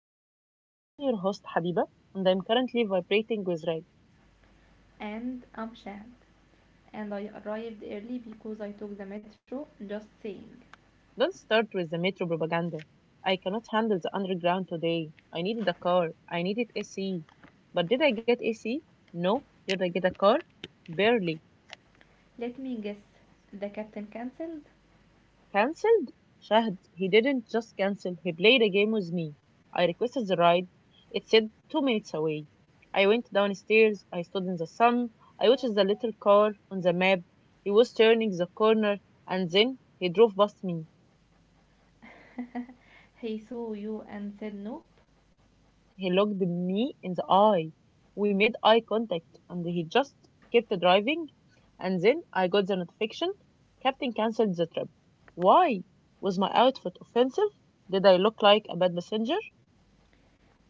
Confidential. I am your host, Habiba, and I'm currently vibrating with rage. And Amshad, and I arrived early because I took the metro, just saying. Don't start with the metro propaganda. I cannot handle the underground today. I needed a car. I needed AC. But did I get AC? No. Did I get a car? Barely. Let me guess, the captain cancelled? Cancelled? Shahd, he didn't just cancel, he played a game with me. I requested the ride. It said 2 minutes away. I went downstairs. I stood in the sun. I watched the little car on the map. He was turning the corner and then he drove past me. He saw you and said nope. He looked me in the eye. We made eye contact and he just kept driving. And then I got the notification. Captain cancelled the trip. Why? Was my outfit offensive? Did I look like a bad passenger?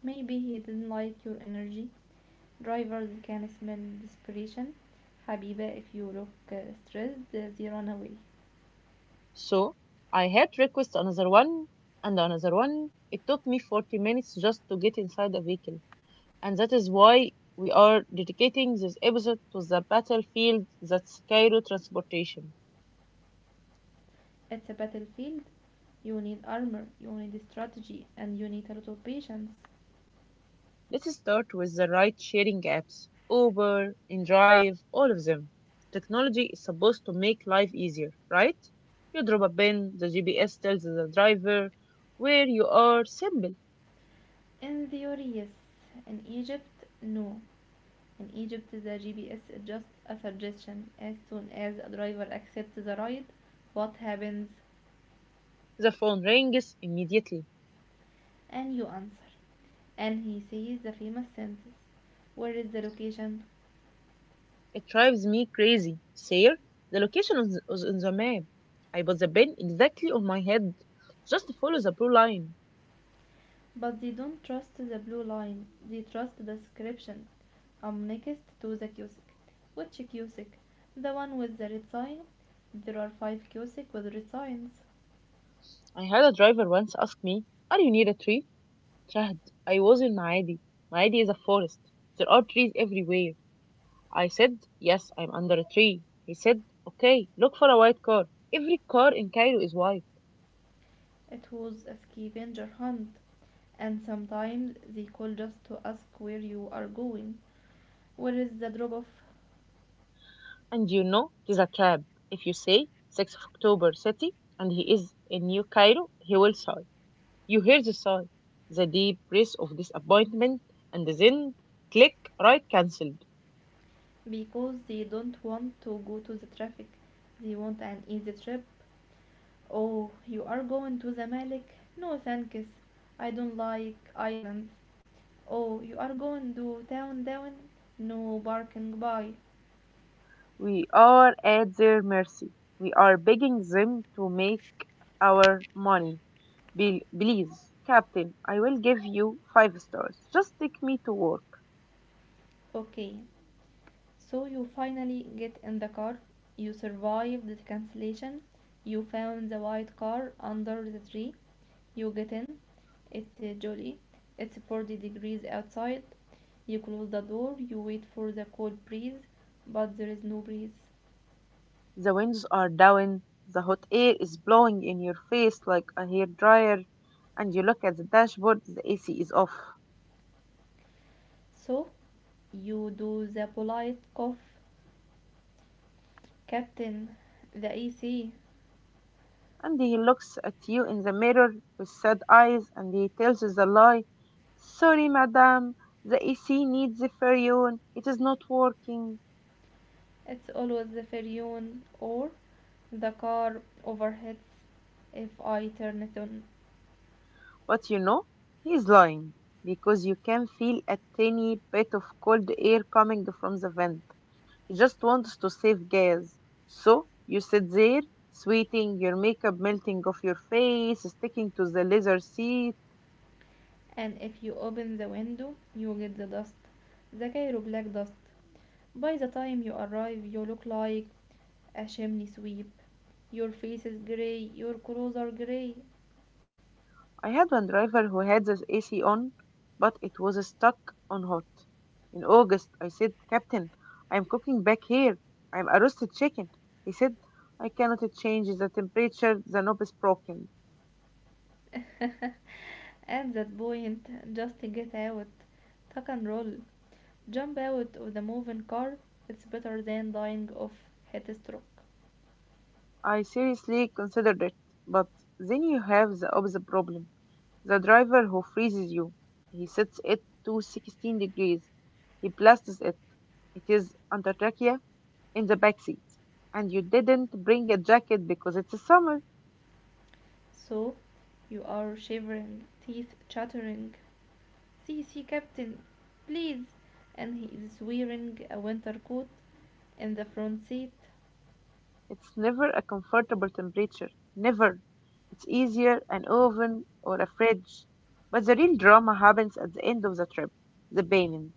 Maybe he didn't like your energy. Drivers can smell desperation. Habiba, if you look stressed, they run away. So I had request another one and another one. It took me 40 minutes just to get inside a vehicle. And that is why we are dedicating this episode to the battlefield that's Cairo transportation. It's a battlefield. You need armor, you need strategy, and you need a lot of patience. Let's start with the ride sharing apps Uber, InDrive, all of them. Technology is supposed to make life easier, right? You drop a pin, the GPS tells the driver where you are, simple. In theory, yes. In Egypt, no. In Egypt, the GPS is just a suggestion. As soon as a driver accepts the ride, what happens? The phone rings immediately. And you answer. And he says the famous sentence: where is the location? It drives me crazy. Sir, the location is on the map. I put the pin exactly on my head. Just follow the blue line. But they don't trust the blue line, they trust the description. I'm next to the kiosk. Which kiosk? The one with the red sign? There are five kiosks with red signs. I had a driver once ask me, are you near a tree? Chad, I was in Maadi. Maadi is a forest. There are trees everywhere. I said, yes, I'm under a tree. He said, okay, look for a white car. Every car in Cairo is white. It was a scavenger hunt, and sometimes they call just to ask where you are going, where is the drop off, And you know, it is a trap. If you say 6th of October city and he is in New Cairo, he will sigh. You hear the sigh, the deep breath of disappointment, and then click right cancelled. because they don't want to go to the traffic. They want an easy trip. Oh, you are going to the Malik? No, thanks. I don't like islands. Oh, you are going to town down? No, barking bye. We are at their mercy. We are begging them to make our money. Please, Captain, I will give you five stars. Just take me to work. Okay. So you finally get in the car, you survive the cancellation, you found the white car under the tree, you get in, it's jolly, it's 40 degrees outside, you close the door, you wait for the cold breeze, but there is no breeze. The winds are down, the hot air is blowing in your face like a hair dryer, and you look at the dashboard, the AC is off. So you do the polite cough, Captain, the AC. And he looks at you in the mirror with sad eyes and he tells you the lie. Sorry, madam, the AC needs a furion. It is not working. It's always the Ferion, or the car overheats if I turn it on. But you know, he is lying because you can feel a tiny bit of cold air coming from the vent. He just wants to save gas. So you sit there, sweating, your makeup melting off your face, sticking to the leather seat. And if you open the window, you get the dust, the Cairo black dust. By the time you arrive, you look like a chimney sweep. Your face is grey, your clothes are grey. I had one driver who had the AC on, but it was stuck on hot. In August, I said, Captain, I'm cooking back here. I'm a roasted chicken. He said, I cannot change the temperature, the knob is broken. At that point, just get out, tuck and roll, jump out of the moving car. It's better than dying of heat stroke. I seriously considered it, but then you have the opposite problem. The driver who freezes you. He sets it to 16 degrees. He blasts it. It is Antarctica in the back seat. And you didn't bring a jacket because it's summer. So you are shivering, teeth chattering. See, see, Captain, please. And he is wearing a winter coat in the front seat. It's never a comfortable temperature, never. It's easier an oven or a fridge. But the real drama happens at the end of the trip, the payment.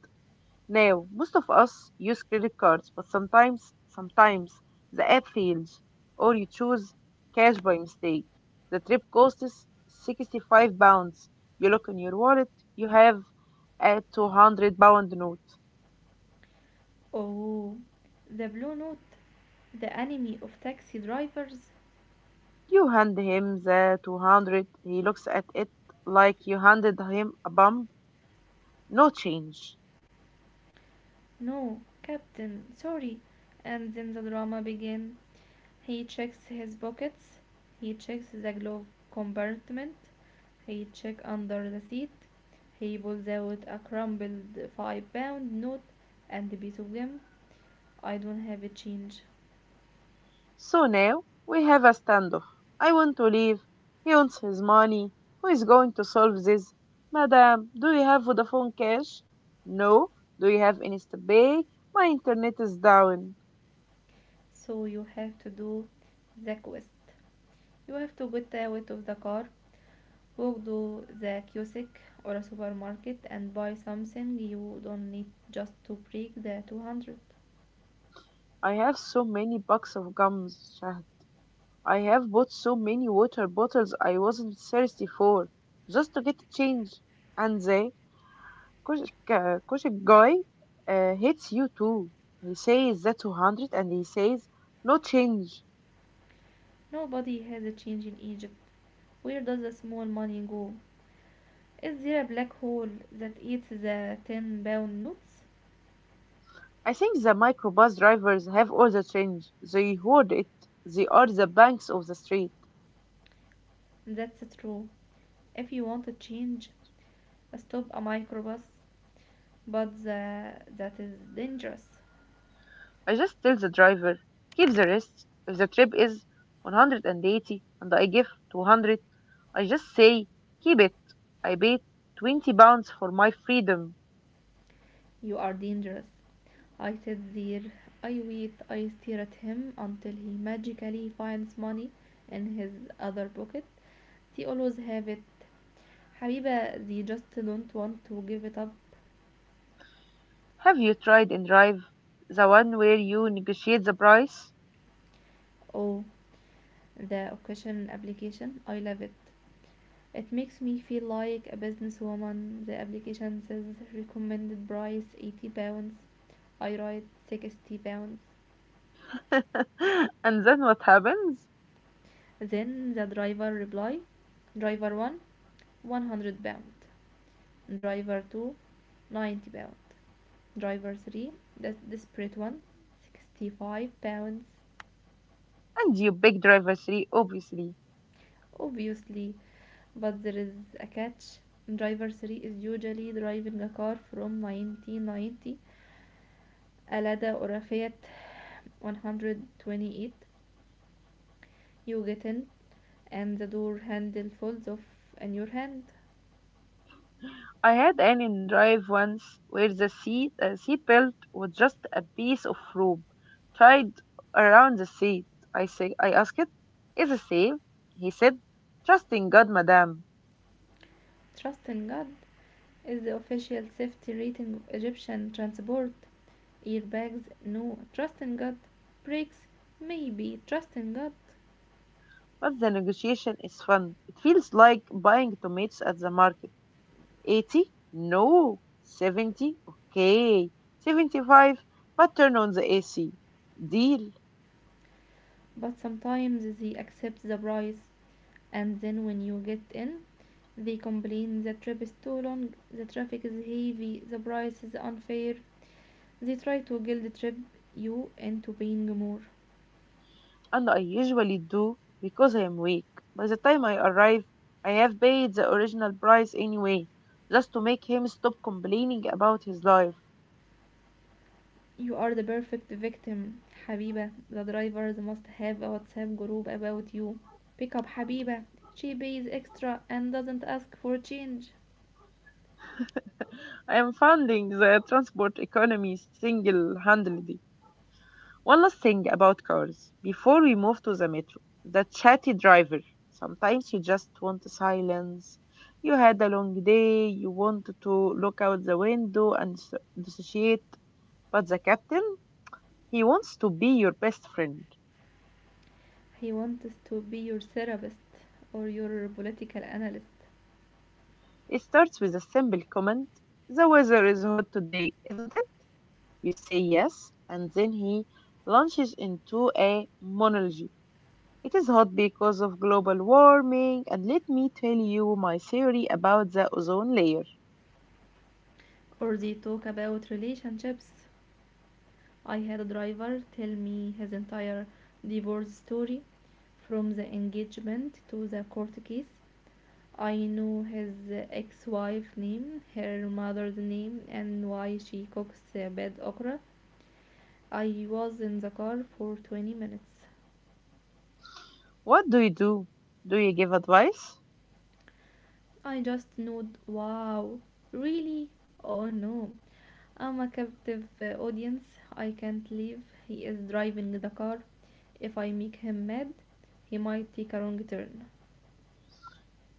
Now, most of us use credit cards, but sometimes the app fails, or you choose cash by mistake. The trip costs 65 pounds. You look in your wallet, you have a 200 pound note. Oh, the Blue Note, the enemy of taxi drivers? You hand him the 200. He looks at it like you handed him a bump. No change. No, Captain, sorry. And then the drama begins. He checks his pockets, he checks the glove compartment, he checks under the seat, he pulls out a crumpled 5 pound note and a piece of gum. I don't have a change. So now we have a standoff. I want to leave. He wants his money. Who is going to solve this? Madam, do you have Vodafone cash? No. Do you have InstaPay? My internet is down. So you have to do the quest. You have to get out of the car, walk to the kiosk or a supermarket and buy something you don't need just to break the 200. I have so many bucks of gums, Shahd. I have bought so many water bottles I wasn't thirsty for, just to get a change. And they cause, Koshik guy hates you too. He says that's 200 and he says no change. Nobody has a change in Egypt. Where does the small money go? Is there a black hole that eats the 10 pound notes? I think the microbus drivers have all the change. They hoard it. They are the banks of the street. That's true. If you want to change, stop a microbus, but that is dangerous. I just tell the driver, keep the rest. If the trip is 180 and 80 and I give 200, I just say, keep it. I paid 20 pounds for my freedom. You are dangerous. I sit there, I wait, I stare at him until he magically finds money in his other pocket. They always have it. Habiba, they just don't want to give it up. Have you tried in drive, the one where you negotiate the price? Oh, the occasion application, I love it. It makes me feel like a businesswoman. The application says recommended price 80 pounds. I write 60 pounds. And then what happens? Then the driver reply, driver 1, 100 pound; driver two, 90 pound; driver 3, the desperate one, 65 pounds. And you pick driver three, obviously. Obviously, but there is a catch. Driver 3 is usually driving a car from 1990, a Lada or a Fiat 128. You get in and the door handle falls off in your hand. I had an in drive once where the seat belt was just a piece of rope tied around the seat. I say, I asked it, is it safe? He said, trust in God, madam. Trust in God is the official safety rating of Egyptian transport. Airbags? No. Trust in God. Brakes? Maybe. Trust in God. But the negotiation is fun. It feels like buying tomatoes at the market. 80? No. 70? Okay. 75? But turn on the AC. Deal. But sometimes they accept the price, and then when you get in, they complain the trip is too long, the traffic is heavy, the price is unfair. They try to guilt trip you into paying more. And I usually do because I am weak. By the time I arrive, I have paid the original price anyway, just to make him stop complaining about his life. You are the perfect victim, حبيبة. The drivers must have a WhatsApp group about you. Pick up حبيبة. She pays extra and doesn't ask for change. I am funding the transport economy single handedly. One last thing about cars before we move to the metro, the chatty driver. Sometimes you just want silence. You had a long day, you want to look out the window and dissociate, but the captain, he wants to be your best friend. He wants to be your therapist or your political analyst. It starts with a simple comment. The weather is hot today, isn't it? You say yes, and then he launches into a monologue. It is hot because of global warming, and let me tell you my theory about the ozone layer. Or they talk about relationships. I had a driver tell me his entire divorce story, from the engagement to the court case. I know his ex-wife name, her mother's name, and why she cooks bad okra. I was in the car for 20 minutes. What do you do? Do you give advice? I just nod, wow, really? Oh no. I'm a captive audience. I can't leave. He is driving the car. If I make him mad, he might take a wrong turn.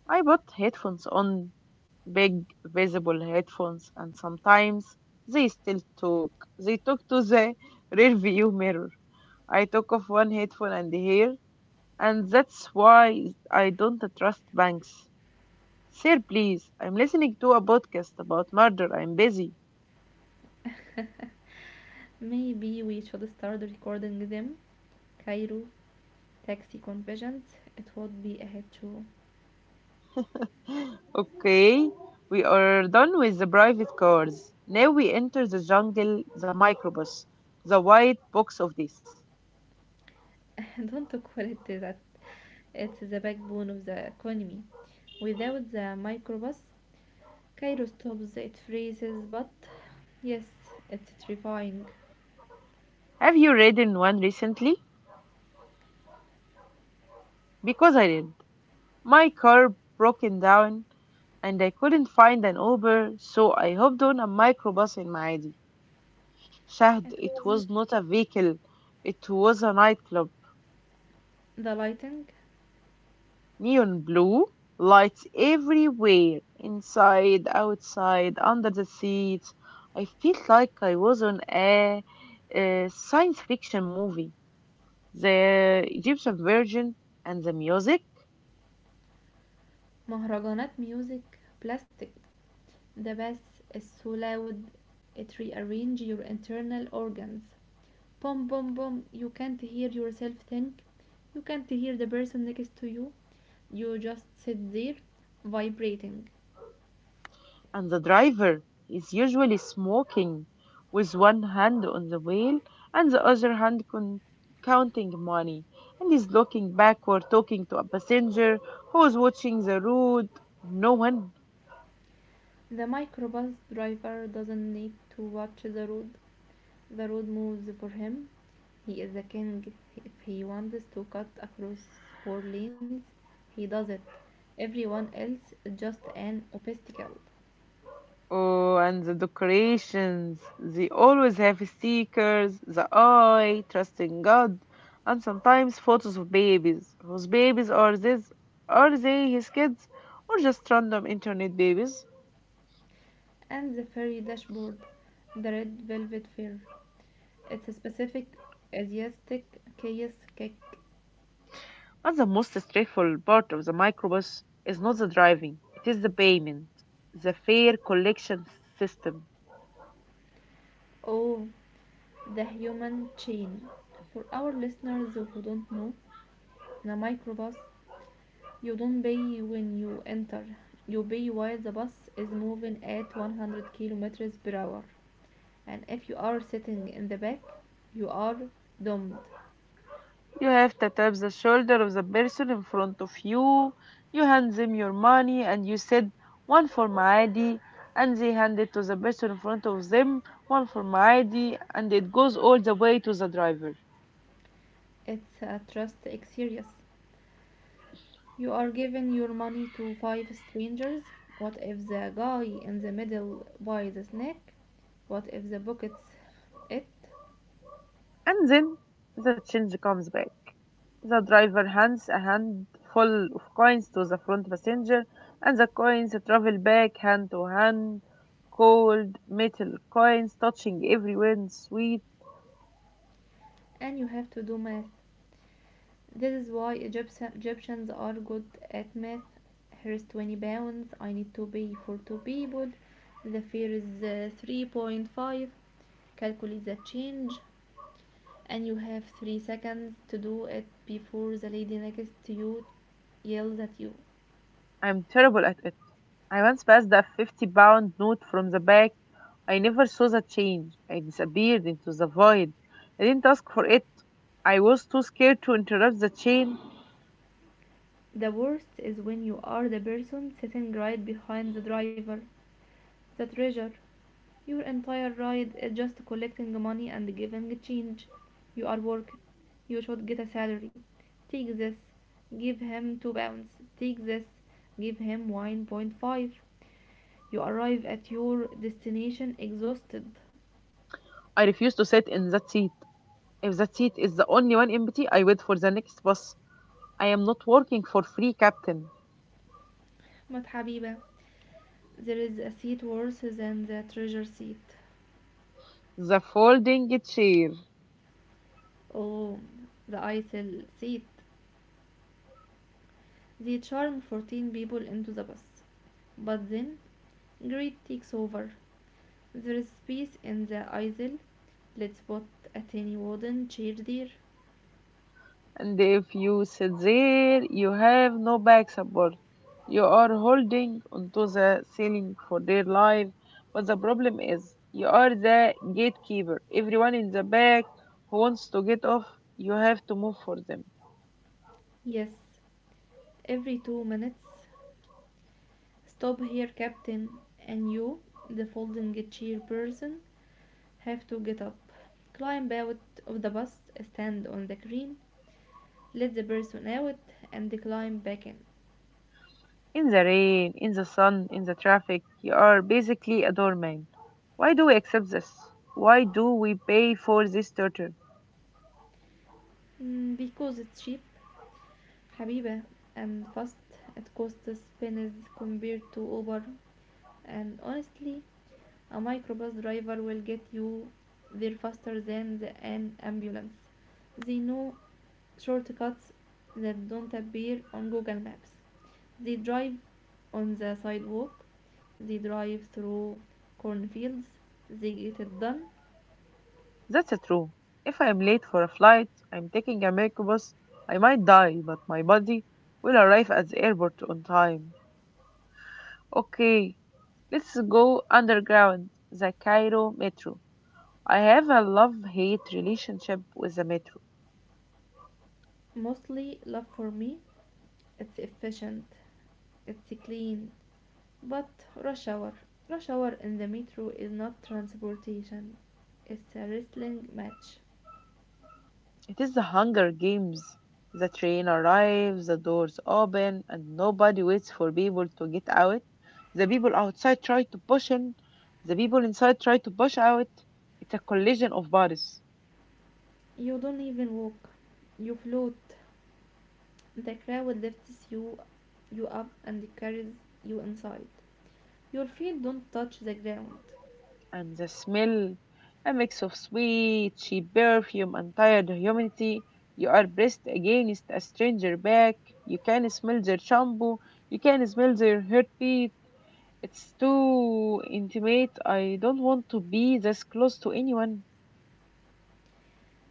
I put headphones on, big visible headphones, and sometimes they still talk. They talk to the rear view mirror. I took off one headphone and here and that's why I don't trust banks. Sir, please, I'm listening to a podcast about murder. I'm busy. Maybe we should start recording them. Cairo taxi conversions, it would be a hit too. Okay, we are done with the private cars. Now we enter the jungle, the microbus, the white box of this. Don't call it that. It's the backbone of the economy. Without the microbus, Cairo stops, it freezes, but yes, it's terrifying. Have you ridden one recently? Because I did. My car broken down and I couldn't find an Uber, so I hopped on a microbus in Maadi. It Shahd, it wasn't was not a vehicle, it was a nightclub. the lighting, Neon blue lights everywhere inside, outside, under the seats. I feel like I was on a science fiction movie. The Egyptian version and the music مهرجانات music, plastic. The bass is so loud it rearranges your internal organs. Boom, boom, boom. You can't hear yourself think. You can't hear the person next to you. You just sit there, vibrating. and the driver is usually smoking with one hand on the wheel and the other hand counting money and is looking backward talking to a passenger who is watching the road. No one. The microbus driver doesn't need to watch the road. The road moves for him. He is a king. If he wants to cut across four lanes, he does it. Everyone else is just an obstacle. Oh, and the decorations. They always have stickers, the eye, trusting God, and sometimes photos of babies. Whose babies are these? Are they his kids or just random internet babies? And the fairy dashboard, the red velvet fair. It's a specific Asiatic chaos cake. And the most stressful part of the microbus is not the driving, it is the payment, the fare collection system. Oh, the human chain. For our listeners who don't know, in a microbus, you don't pay when you enter, you pay while the bus is moving at 100 kilometers per hour. And if you are sitting in the back, you are doomed. You have to tap the shoulder of the person in front of you. You hand them your money and you said, one for Maadi, and they hand it to the person in front of them, one for Maadi, and it goes all the way to the driver. It's a trust exercise. You are giving your money to five strangers. What if the guy in the middle buys the snack? What if the buckets it? And then the change comes back. The driver hands a handful of coins to the front passenger, and the coins travel back hand to hand, cold metal coins touching everywhere, sweet. And you have to do math. This is why Egyptians are good at math. Here's 20 pounds. I need to pay for two people. The fare is 3.5. Calculate the change. And you have 3 seconds to do it before the lady next to you yells at you. I'm terrible at it. I once passed a 50 pound note from the back. I never saw the change. I disappeared into the void. I didn't ask for it. I was too scared to interrupt the chain. The worst is when you are the person sitting right behind the driver, the treasure. Your entire ride is just collecting money and giving change. You are working. You should get a salary. Take this. Give him 2 pounds. Take this. Give him 1.5. You arrive at your destination exhausted. I refused to sit in that seat. If that seat is the only one empty, I wait for the next bus. I am not working for free, Captain. But Habiba, there is a seat worse than the treasure seat. The folding chair. Oh, the ISIL seat. They charm 14 people into the bus. But then, greed takes over. There is peace in the isle. Let's put a tiny wooden chair there. And if you sit there, you have no back support. You are holding onto the ceiling for dear life. But the problem is, you are the gatekeeper. Everyone in the back who wants to get off, you have to move for them. Yes, every 2 minutes. Stop here, Captain, and you, the folding chair person, have to get up. Climb out of the bus, stand on the crane, let the person out, and climb back in. In the rain, in the sun, in the traffic, you are basically a doorman. Why do we accept this? Why do we pay for this torture? Mm, because it's cheap, Habiba, and fast. It costs pennies compared to Uber, and honestly a microbus driver will get you there faster than an ambulance. They know shortcuts that don't appear on Google Maps. They drive on the sidewalk, they drive through cornfields, they get it done. That's true. If I'm late for a flight, I'm taking a microbus, I might die, but my body will arrive at the airport on time. Okay, let's go underground, the Cairo metro. I have a love-hate relationship with the metro. Mostly love for me. It's efficient. It's clean. But rush hour. Rush hour in the metro is not transportation. It's a wrestling match. It is the Hunger Games. The train arrives, the doors open, and nobody waits for people to get out. The people outside try to push in, the people inside try to push out. It's a collision of bodies. You don't even walk. You float. The crowd lifts you up and carries you inside. Your feet don't touch the ground. And the smell, a mix of sweet, cheap perfume, and tired humidity. You are pressed against a stranger back. You can smell their shampoo. You can smell their heartbeat. It's too intimate. I don't want to be this close to anyone.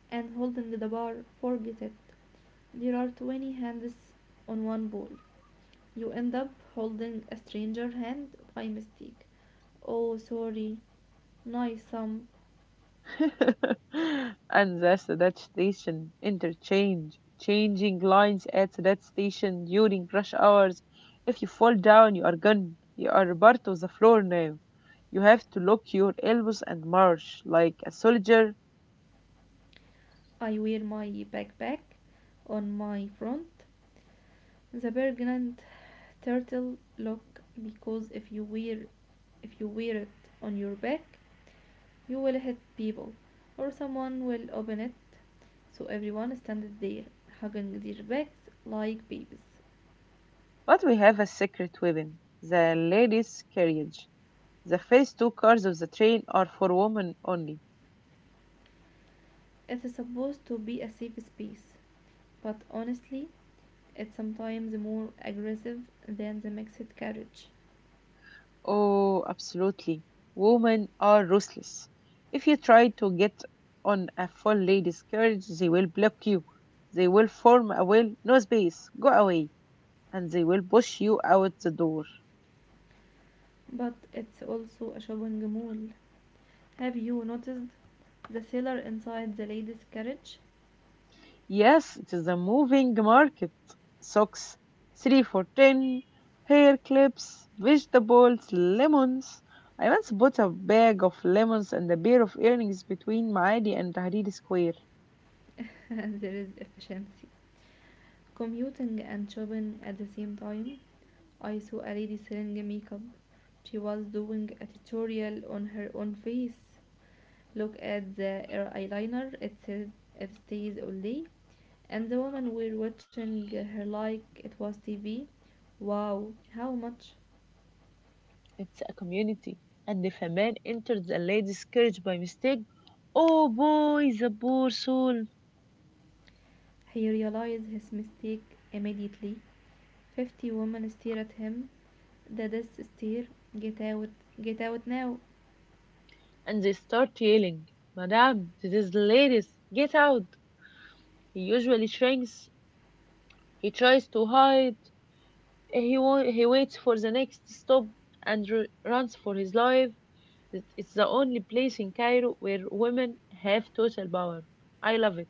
And holding the bar, forget it. There are 20 hands on one ball. You end up holding a stranger hand by mistake. Oh, sorry. Nice sum. And that's that station interchange, changing lines at that station during rush hours. If you fall down, you are gone. You are part of the floor now. You have to lock your elbows and march like a soldier. I wear my backpack on my front. The pregnant turtle look, because if you wear it on your back, you will hit people or someone will open it. So everyone stands there hugging their backs like babies. But we have a secret weapon the ladies' carriage. The first two cars of the train are for women only. It is supposed to be a safe space, but honestly, it's sometimes more aggressive than the mixed carriage. Oh, absolutely. Women are ruthless. If you try to get on a full lady's carriage, they will block you. They will form a will, no space, go away, and they will push you out the door. But it's also a shopping mall. Have you noticed the seller inside the ladies' carriage? Yes, it is a moving market. Socks, three for ten, hair clips, vegetables, lemons. I once bought a bag of lemons and a pair of earrings between Maadi and Tahrir Square. There is efficiency. Commuting and shopping at the same time. I saw a lady selling makeup. She was doing a tutorial on her own face. Look at the eyeliner. It stays all day. And the women were watching her like it was TV. Wow, how much? It's a community. And if a man enters a lady's carriage by mistake, oh boy, the poor soul! He realized his mistake immediately. 50 women stare at him. The death stare. Get out, get out now. And they start yelling, Madame, this is the lady's, get out! He usually shrinks, he tries to hide, he waits for the next stop and runs for his life. It's the only place in Cairo where women have total power. I love it.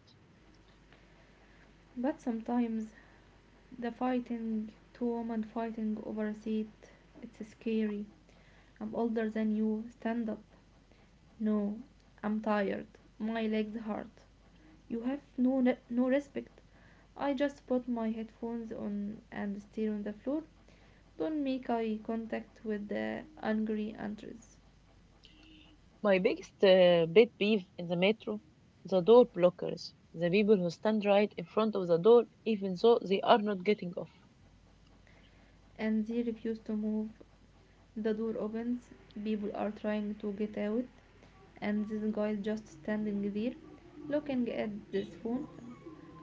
But sometimes the fighting, two women fighting over a seat, it's scary. I'm older than you. Stand up. No, I'm tired. My legs hurt. You have no respect. I just put my headphones on and stare on the floor. Don't make eye contact with the angry entries. My biggest pet peeve in the metro the door blockers, the people who stand right in front of the door even though they are not getting off. And they refuse to move. The door opens. People are trying to get out, and this guy is just standing there, looking at this phone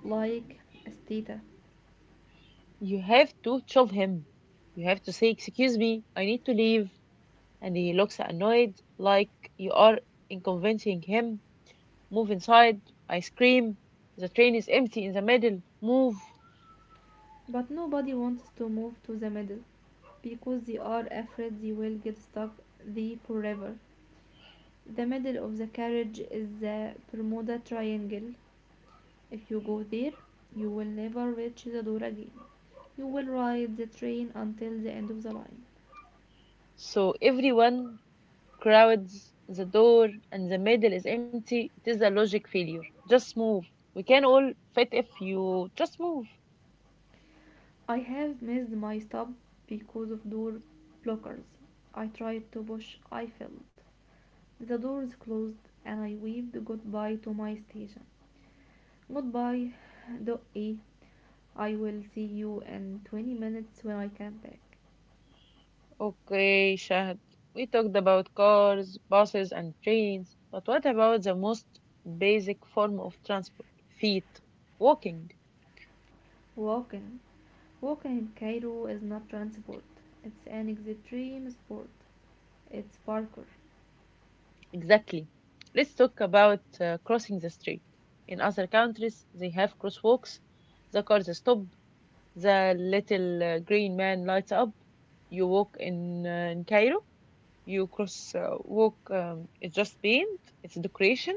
like a stata. You have to shove him. You have to say, Excuse me, I need to leave. And he looks annoyed, like you are inconveniencing him. Move inside. I scream. The train is empty in the middle. Move. But nobody wants to move to the middle because they are afraid they will get stuck there forever. The middle of the carriage is the Bermuda Triangle. If you go there, you will never reach the door again. You will ride the train until the end of the line. So everyone crowds, the door, and the middle is empty, it is a logic failure. Just move. We can all fit if you just move. I have missed my stop because of door blockers. I tried to push, I failed. The doors closed, and I waved goodbye to my station. Goodbye, Dot E. I will see you in 20 minutes when I come back. Okay, Shahad. We talked about cars, buses, and trains, but what about the most basic form of transport? Feet. Walking. Walking. Walking in Cairo is not transport. It's an extreme sport. It's parkour. Exactly. Let's talk about crossing the street. In other countries, they have crosswalks. The cars stop. The little green man lights up. You walk in Cairo. You cross walk, it's just paint, it's decoration.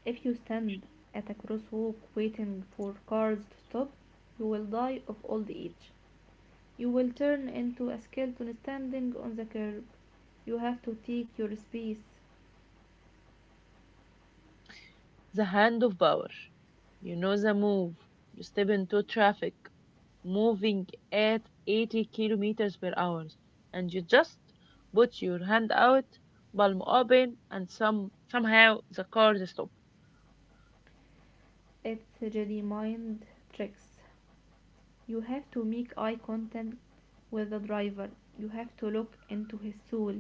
If you stand at a crosswalk waiting for cars to stop, you will die of old age. You will turn into a skeleton standing on the curb. You have to take your space. The hand of power. You know the move. You step into traffic moving at 80 kilometers per hour, and you just put your hand out, palm open, and somehow the car stops. It's Jedi mind tricks. You have to make eye contact with the driver. You have to look into his soul.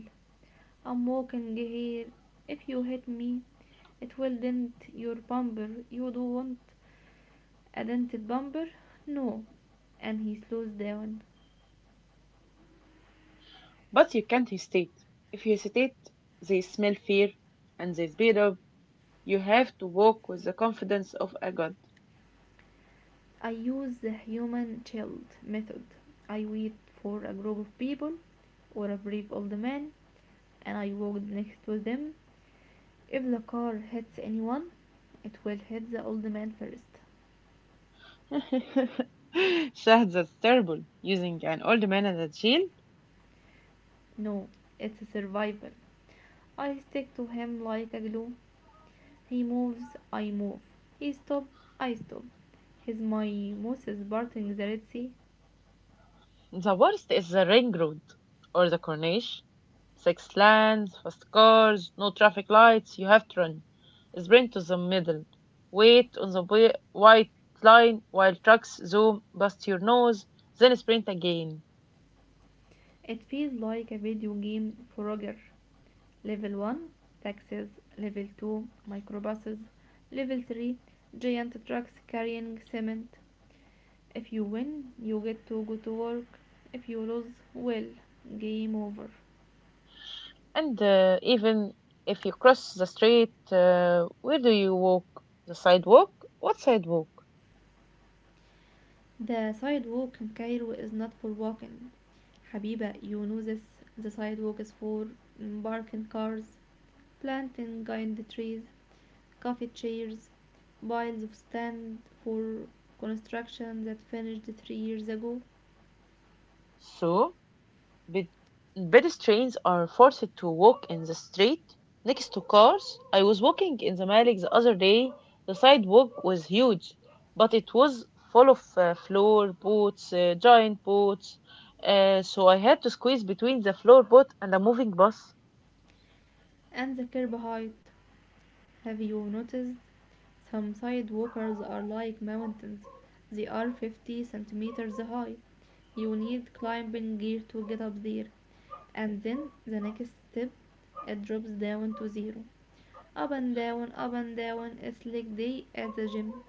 I'm walking here. If you hit me, it will dent your bumper. You don't want a dented bumper. No. And he slows down. But you can't hesitate. If you hesitate, they smell fear and they speed up. You have to walk with the confidence of a god. I use the human shield method. I wait for a group of people or a brave old man, and I walk next to them. If the car hits anyone, it will hit the old man first. Shahd, that's terrible. Using an old man as a shield. No, it's survival. I stick to him like a glue. He moves, I move. He stops, I stop. He's my Moses parting the Red Sea. The worst is the ring road or the corniche. Six lanes, fast cars, no traffic lights. You have to run. Sprint to the middle. Wait on the white line while trucks zoom past your nose. Then sprint again. It feels like a video game for Roger. Level 1, taxis. Level 2, microbuses. Level 3, giant trucks carrying cement. If you win, you get to go to work. If you lose, well, game over. And even if you cross the street, where do you walk? The sidewalk? What sidewalk? The sidewalk in Cairo is not for walking. Habiba, you know this. The sidewalk is for parking cars, planting giant trees, coffee chairs, piles of sand for construction that finished 3 years ago, So Pe- pedestrians are forced to walk in the street next to cars. I was walking in the Malik the other day. The sidewalk was huge, but it was full of floor boats, giant boats. So I had to squeeze between the floor boat and a moving bus and the curb height. Have you noticed? Some sidewalkers are like mountains. They are 50 centimeters high. You need climbing gear to get up there. And then the next step, it drops down to zero. Up and down, it's like day at the gym.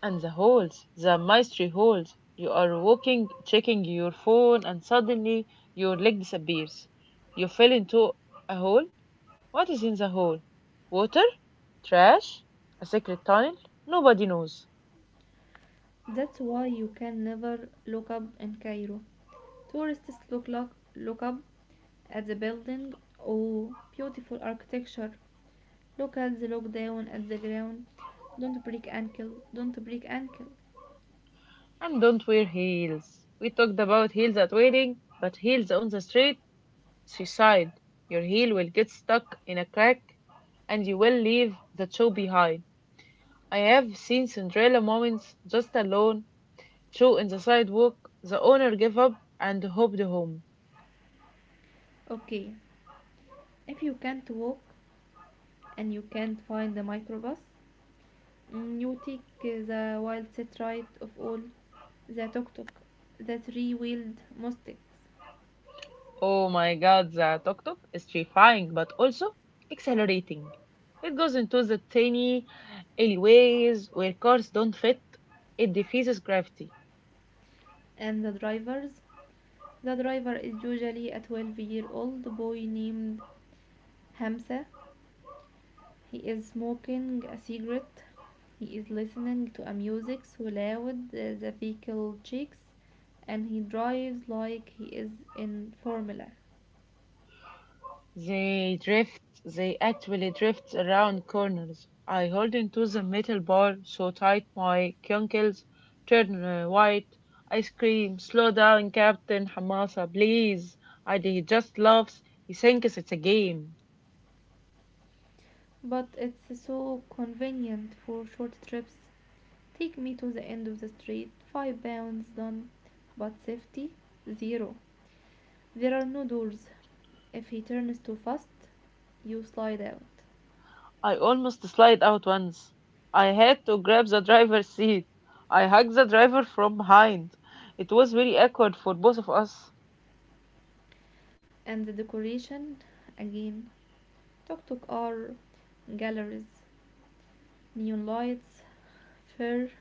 and the holes, the mystery holes. You are walking, checking your phone, and suddenly your leg disappears. You fell into a hole. What is in the hole? Water? Trash? A secret tunnel? Nobody knows. That's why you can never look up in Cairo. Tourists look up at the building. Oh, beautiful architecture. Locals look down at the ground. Don't break ankle, don't break ankle. And don't wear heels. We talked about heels at wedding, but heels on the street? Suicide. Your heel will get stuck in a crack and you will leave the shoe behind. I have seen Cinderella moments just alone, shoe in the sidewalk, the owner gave up and hopped home. Okay, if you can't walk and you can't find the microbus, you take the wild set right of all the tuk tuk, the three wheeled mustangs, Oh my god, the tuk tuk is terrifying but also exhilarating. It goes into the tiny alleyways where cars don't fit. It defies gravity. and the drivers. The driver is usually a 12-year-old boy named Hamza. He is smoking a cigarette. He is listening to a music so loud, the vehicle shakes, and he drives like he is in Formula. They drift, they actually drift around corners. I hold into the metal bar so tight my cunkles turn white. I scream, slow down, Captain Hamasa, please. And he just laughs. He thinks it's a game. But it's so convenient for short trips. Take me to the end of the street, 5 pounds done, but safety, zero. There are no doors. If he turns too fast, you slide out. I almost slid out once. I had to grab the driver's seat. I hugged the driver from behind. It was very awkward for both of us. And the decoration, again. Tuk tuk are galleries. Neon lights, fur,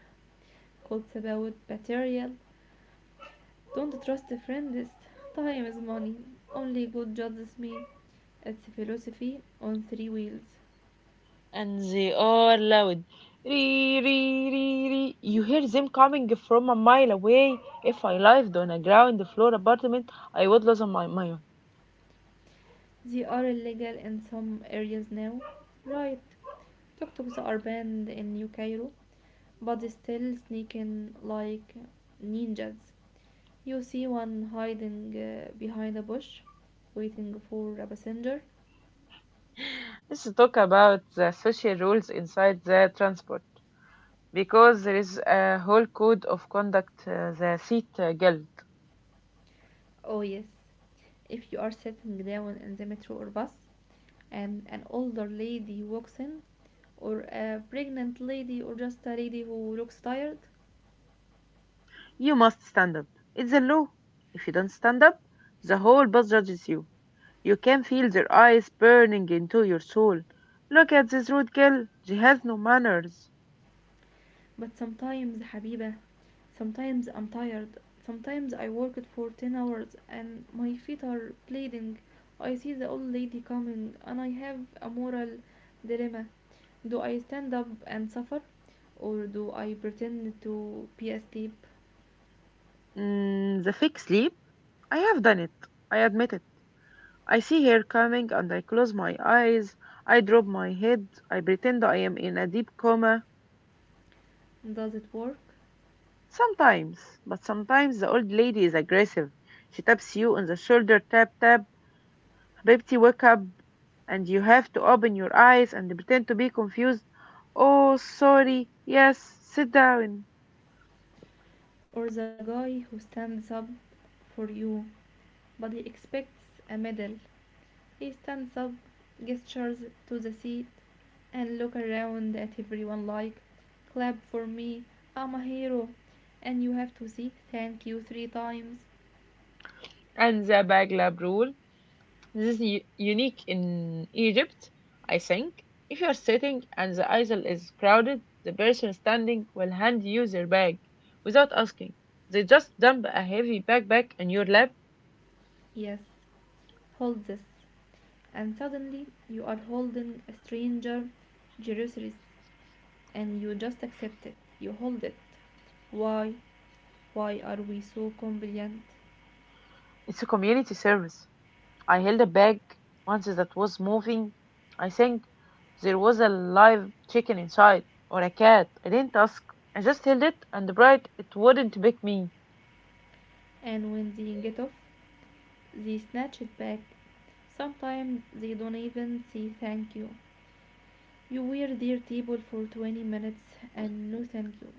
quotes about material. Don't trust a friend. Time is money. Only God judges me. It's a philosophy on three wheels. And they are loud. Ree, ree, ree, ree. You hear them coming from a mile away. If I lived on a ground floor apartment, I would lose my mind. They are illegal in some areas now. Right. Tuk-tuks are banned in New Cairo, but they still sneak in like ninjas. You see one hiding behind a bush, waiting for a passenger. Let's talk about the social rules inside the transport. Because there is a whole code of conduct, the seat guild. Oh, yes. If you are sitting down in the metro or bus and an older lady walks in, or a pregnant lady, or just a lady who looks tired. You must stand up. It's a law. If you don't stand up, the whole bus judges you. You can feel their eyes burning into your soul. Look at this rude girl. She has no manners. But sometimes, Habiba, sometimes I'm tired. Sometimes I worked for 10 hours and my feet are bleeding. I see the old lady coming and I have a moral dilemma. Do I stand up and suffer, or do I pretend to be asleep? The fake sleep? I have done it. I admit it. I see her coming and I close my eyes. I drop my head. I pretend I am in a deep coma. Does it work? Sometimes, but sometimes the old lady is aggressive. She taps you on the shoulder, tap, tap. Habibti, wake up and you have to open your eyes and pretend to be confused. Oh, sorry. Yes, sit down. Or the guy who stands up for you, but he expects a medal. He stands up, gestures to the seat, and look around at everyone like, clap for me, I'm a hero. And you have to say thank you three times. And the baglab rule. This is unique in Egypt, I think. If you're sitting and the aisle is crowded, the person standing will hand you their bag without asking. They just dump a heavy backpack on your lap. Yes, hold this. And suddenly you are holding a stranger, Jerusalem, and you just accept it. You hold it. Why? Why are we so compliant? It's a community service. I held a bag once that was moving. I think there was a live chicken inside, or a cat. I didn't ask. I just held it and bright it wouldn't pick me. And when they get off, they snatch it back. Sometimes they don't even say thank you. You were their table for 20 minutes and no thank you.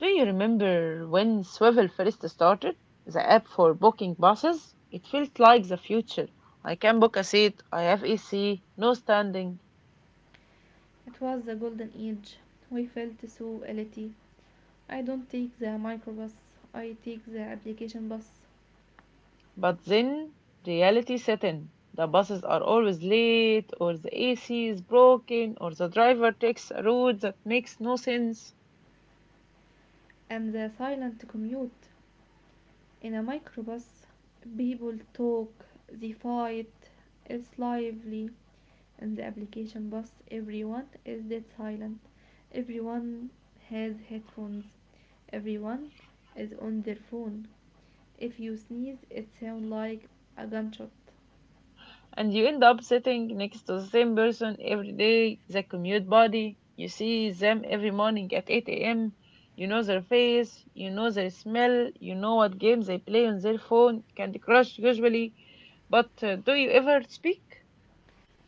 Do you remember when Swivel first started? The app for booking buses? It feels like the future. I can book a seat, I have AC, no standing. It was the golden age. We felt so elite. I don't take the microbus, I take the application bus. But then reality set in. The buses are always late, or the AC is broken, or the driver takes a route that makes no sense. And the silent commute. In a microbus, people talk, they fight, it's lively. In the application bus, everyone is dead silent. Everyone has headphones. Everyone is on their phone. If you sneeze, it sounds like a gunshot. And you end up sitting next to the same person every day, the commute buddy. You see them every morning at 8 a.m. You know their face, you know their smell, you know what games they play on their phone, Candy Crush usually. But do you ever speak?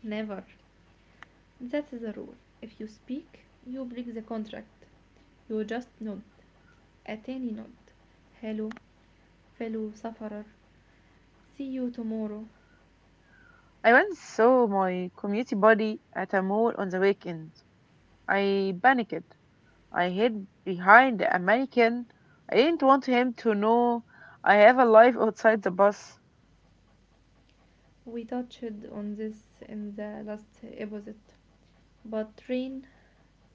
Never. That is a rule. If you speak, you break the contract. You just nod. A tiny nod. Hello, fellow sufferer. See you tomorrow. I once saw my community buddy at a mall on the weekend. I panicked. I hid behind a mannequin. I didn't want him to know I have a life outside the bus. We touched on this in the last episode, but train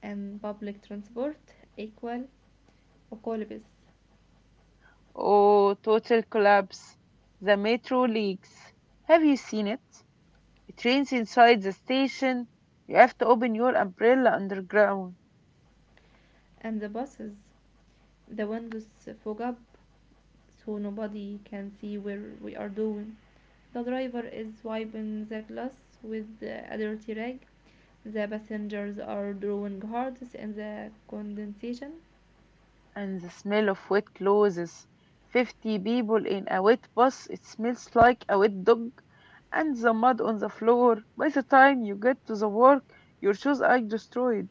and public transport equal okolibis. Oh, total collapse. The metro leaks. Have you seen it? It rains inside the station. You have to open your umbrella underground. And the buses. The windows fog up so nobody can see where we are doing. The driver is wiping the glass with a dirty rag. The passengers are drawing hard in the condensation. And the smell of wet clothes. 50 people in a wet bus. It smells like a wet dog. And the mud on the floor. By the time you get to the work, your shoes are destroyed.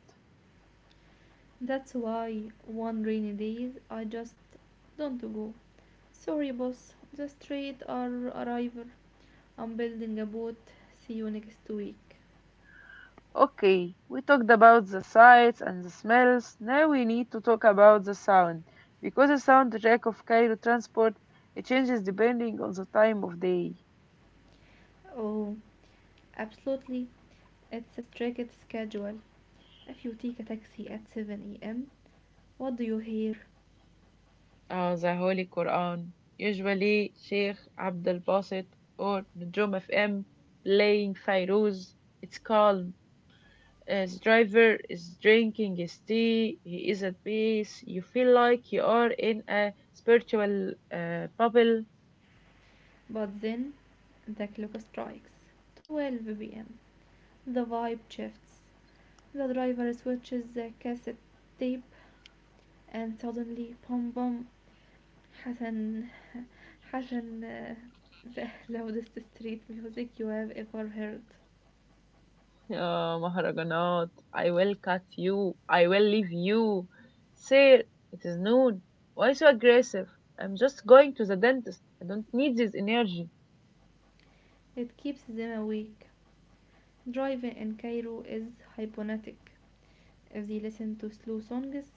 That's why one rainy days I just don't go. Sorry, boss. Just trade our arrival. I'm building a boat. See you next week. Okay, we talked about the sights and the smells. Now we need to talk about the sound, because the soundtrack of Cairo transport it changes depending on the time of day. Oh, absolutely. It's a strict schedule. If you take a taxi at 7 a.m., what do you hear? The Holy Quran, usually Sheikh Abdel Basit or Nujum FM playing Fairuz. It's calm. As driver is drinking his tea, he is at peace. You feel like you are in a spiritual bubble. But then the clock strikes 12 p.m. The vibe shifts. The driver switches the cassette tape, and suddenly, boom, boom, Hassan, Hassan, the loudest street music you have ever heard. يا مهرجانات I will cut you I will leave you. Sir, it is noon. Why so aggressive? I'm just going to the dentist. I don't need this energy. It keeps them awake. Driving in Cairo is hypnotic. If they listen to slow songs,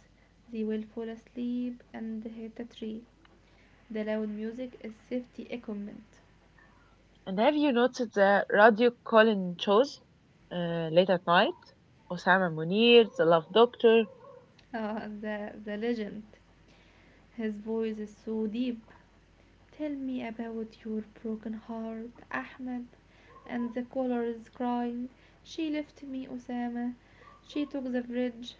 they will fall asleep and hit a tree. The loud music is safety equipment. And have you noticed the radio Colin shows late at night? Osama Munir, the love doctor, Ah, the legend. His voice is so deep. Tell me about your broken heart, Ahmed, and the colors crying. She left me, Osama. She took the bridge.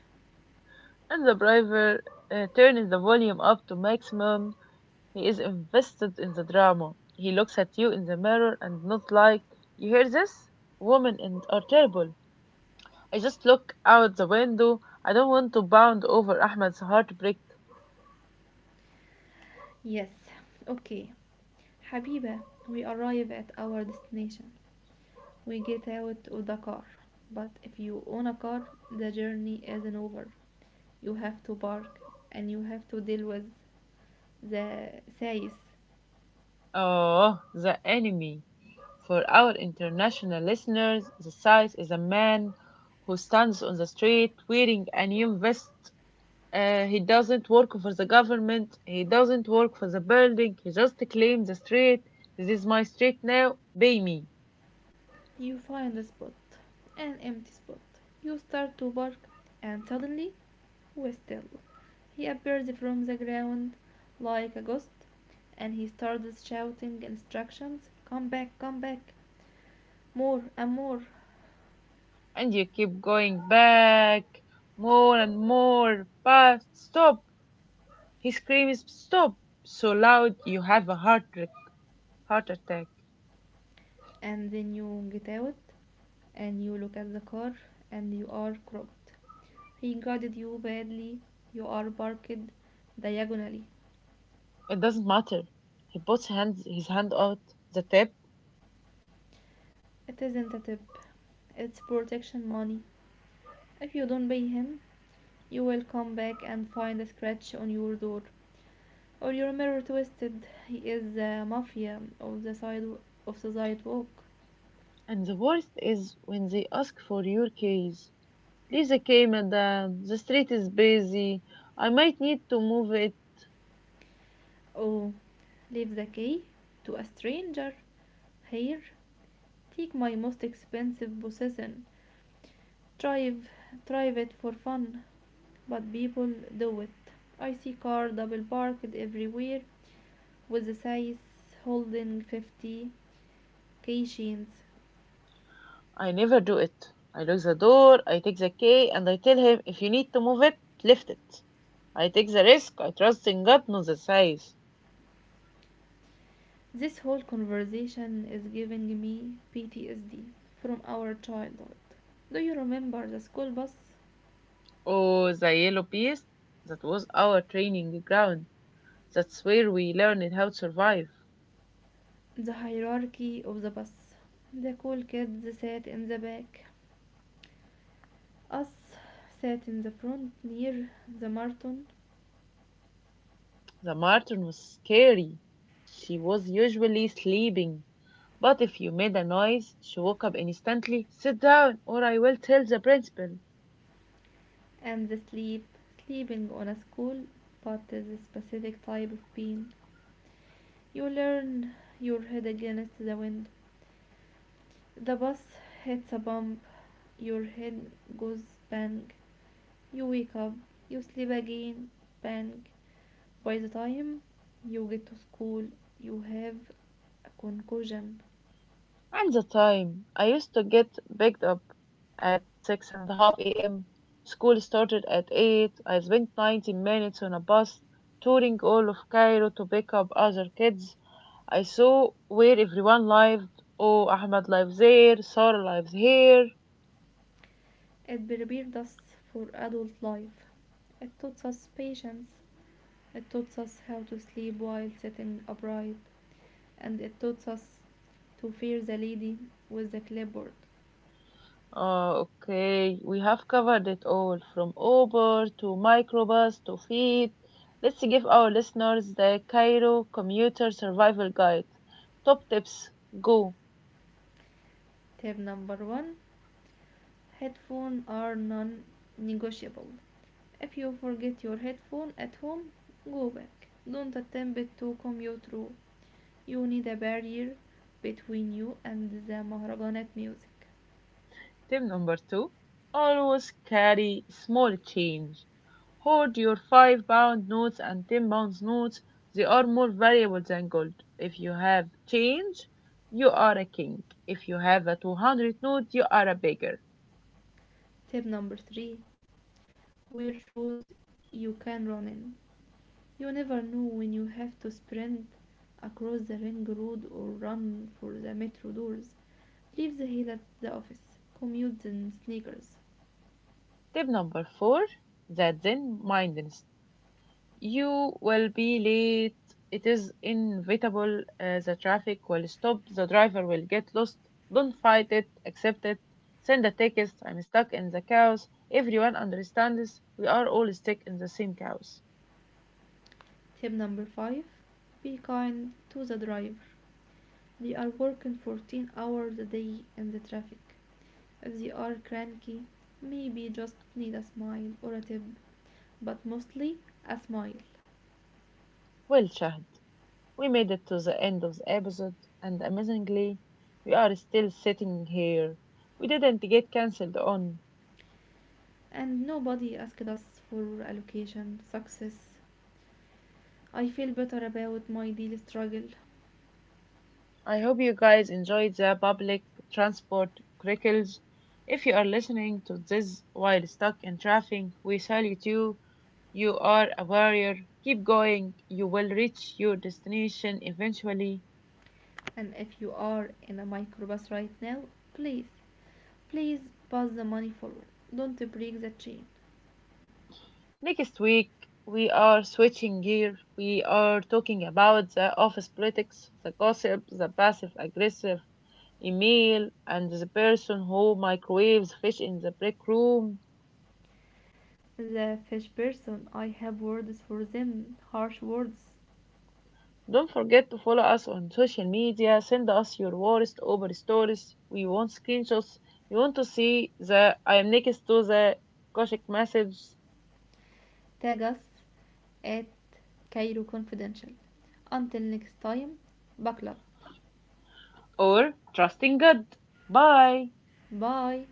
and the driver turns the volume up to maximum. He is invested in the drama. He looks at you in the mirror and not like, you hear this? Women and are terrible. I just look out the window. I don't want to bound over Ahmed's heartbreak. Yes, okay. Habiba, we arrive at our destination. We get out of the car. But if you own a car, the journey isn't over. You have to park and you have to deal with the says. Oh, the enemy. For our international listeners, the size is a man who stands on the street wearing a new vest. He doesn't work for the government. He doesn't work for the building. He just claims the street. This is my street now. Pay me. You find a spot, an empty spot. You start to park and suddenly was still. He appears from the ground like a ghost, and he starts shouting instructions. Come back, more and more, And you keep going back more and more. But stop. He screams stop so loud you have a heart attack. and then you get out, and you look at the car, and you are crooked. He guided you badly, you are parked diagonally. It doesn't matter. He puts hands his hand out the tap. It isn't a tip, it's protection money. If you don't pay him, you will come back and find a scratch on your door. Or your mirror twisted. He is the mafia of the sidewalk. And the worst is when they ask for your keys. Leave the key, madam. The street is busy. I might need to move it. Oh, leave the key to a stranger. Here, take my most expensive possession. Drive, drive it for fun. But people do it. I see car double parked everywhere with the size holding 50 keychains. I never do it. I lock the door, I take the key, and I tell him if you need to move it, lift it. I take the risk, I trust in God, not the size. This whole conversation is giving me PTSD from our childhood. Do you remember the school bus? Oh, the yellow beast, that was our training ground. That's where we learned how to survive. The hierarchy of the bus. The cool kids sat in the back. Us sat in the front near the Martin. The Marten was scary. She was usually sleeping, but if you made a noise, she woke up instantly. Sit down, or I will tell the principal. And the sleep, sleeping on a school, but is a specific type of pain. You learn your head against the wind. The bus hits a bump, your head goes bang. You wake up, you sleep again, bang. By the time you get to school, you have a concussion. And the time I used to get picked up at six and a half a.m. School started at eight. I spent 90 minutes on a bus touring all of Cairo to pick up other kids. I saw where everyone lived. Oh, Ahmed lives there, Sarah lives here. It prepared us for adult life. It taught us patience. It taught us how to sleep while sitting upright. And it taught us to fear the lady with the clipboard. Oh, okay. We have covered it all from Uber to microbus to feed. Let's give our listeners the Cairo Commuter Survival Guide. Top tips go. Tip number one. Headphones are non-negotiable. If you forget your headphone at home, go back. Don't attempt to commute through. You need a barrier between you and the Mahrajanat music. Tip number two always carry small change. Hoard your 5-pound notes and 10-pound notes. They are more valuable than gold. If you have change, you are a king. If you have a 200 note, you are a beggar. Tip number three, wear shoes you can run in. You never know when you have to sprint across the ring road or run for the metro doors. Leave the heel at the office. Commute in sneakers. Tip number four that Zen mindness. You will be late. It is inevitable. The traffic will stop. The driver will get lost. Don't fight it. Accept it. Send a text. I'm stuck in the chaos. Everyone understands. We are all stuck in the same chaos. Tip number five, be kind to the driver. They are working 14 hours a day in the traffic. If they are cranky, maybe just need a smile or a tip, but mostly a smile. Well, Shahd, we made it to the end of the episode, and amazingly, we are still sitting here. We didn't get cancelled on. And nobody asked us for allocation success. I feel better about my daily struggle. I hope you guys enjoyed the public transport crickles. If you are listening to this while stuck in traffic, we salute you. You are a warrior. Keep going. You will reach your destination eventually. And if you are in a microbus right now, please, please pass the money forward. Don't break the chain. Next week, we are switching gear. We are talking about the office politics, the gossip, the passive aggressive email, and the person who microwaves fish in the break room. The fish person. I have words for them, harsh words. Don't forget to follow us on social media. Send us your worst Uber stories. We want screenshots. We want to see the I am next to the Koshik message Tag us at Cairo Confidential. Until next time, buckle up. or trusting God. Bye. Bye.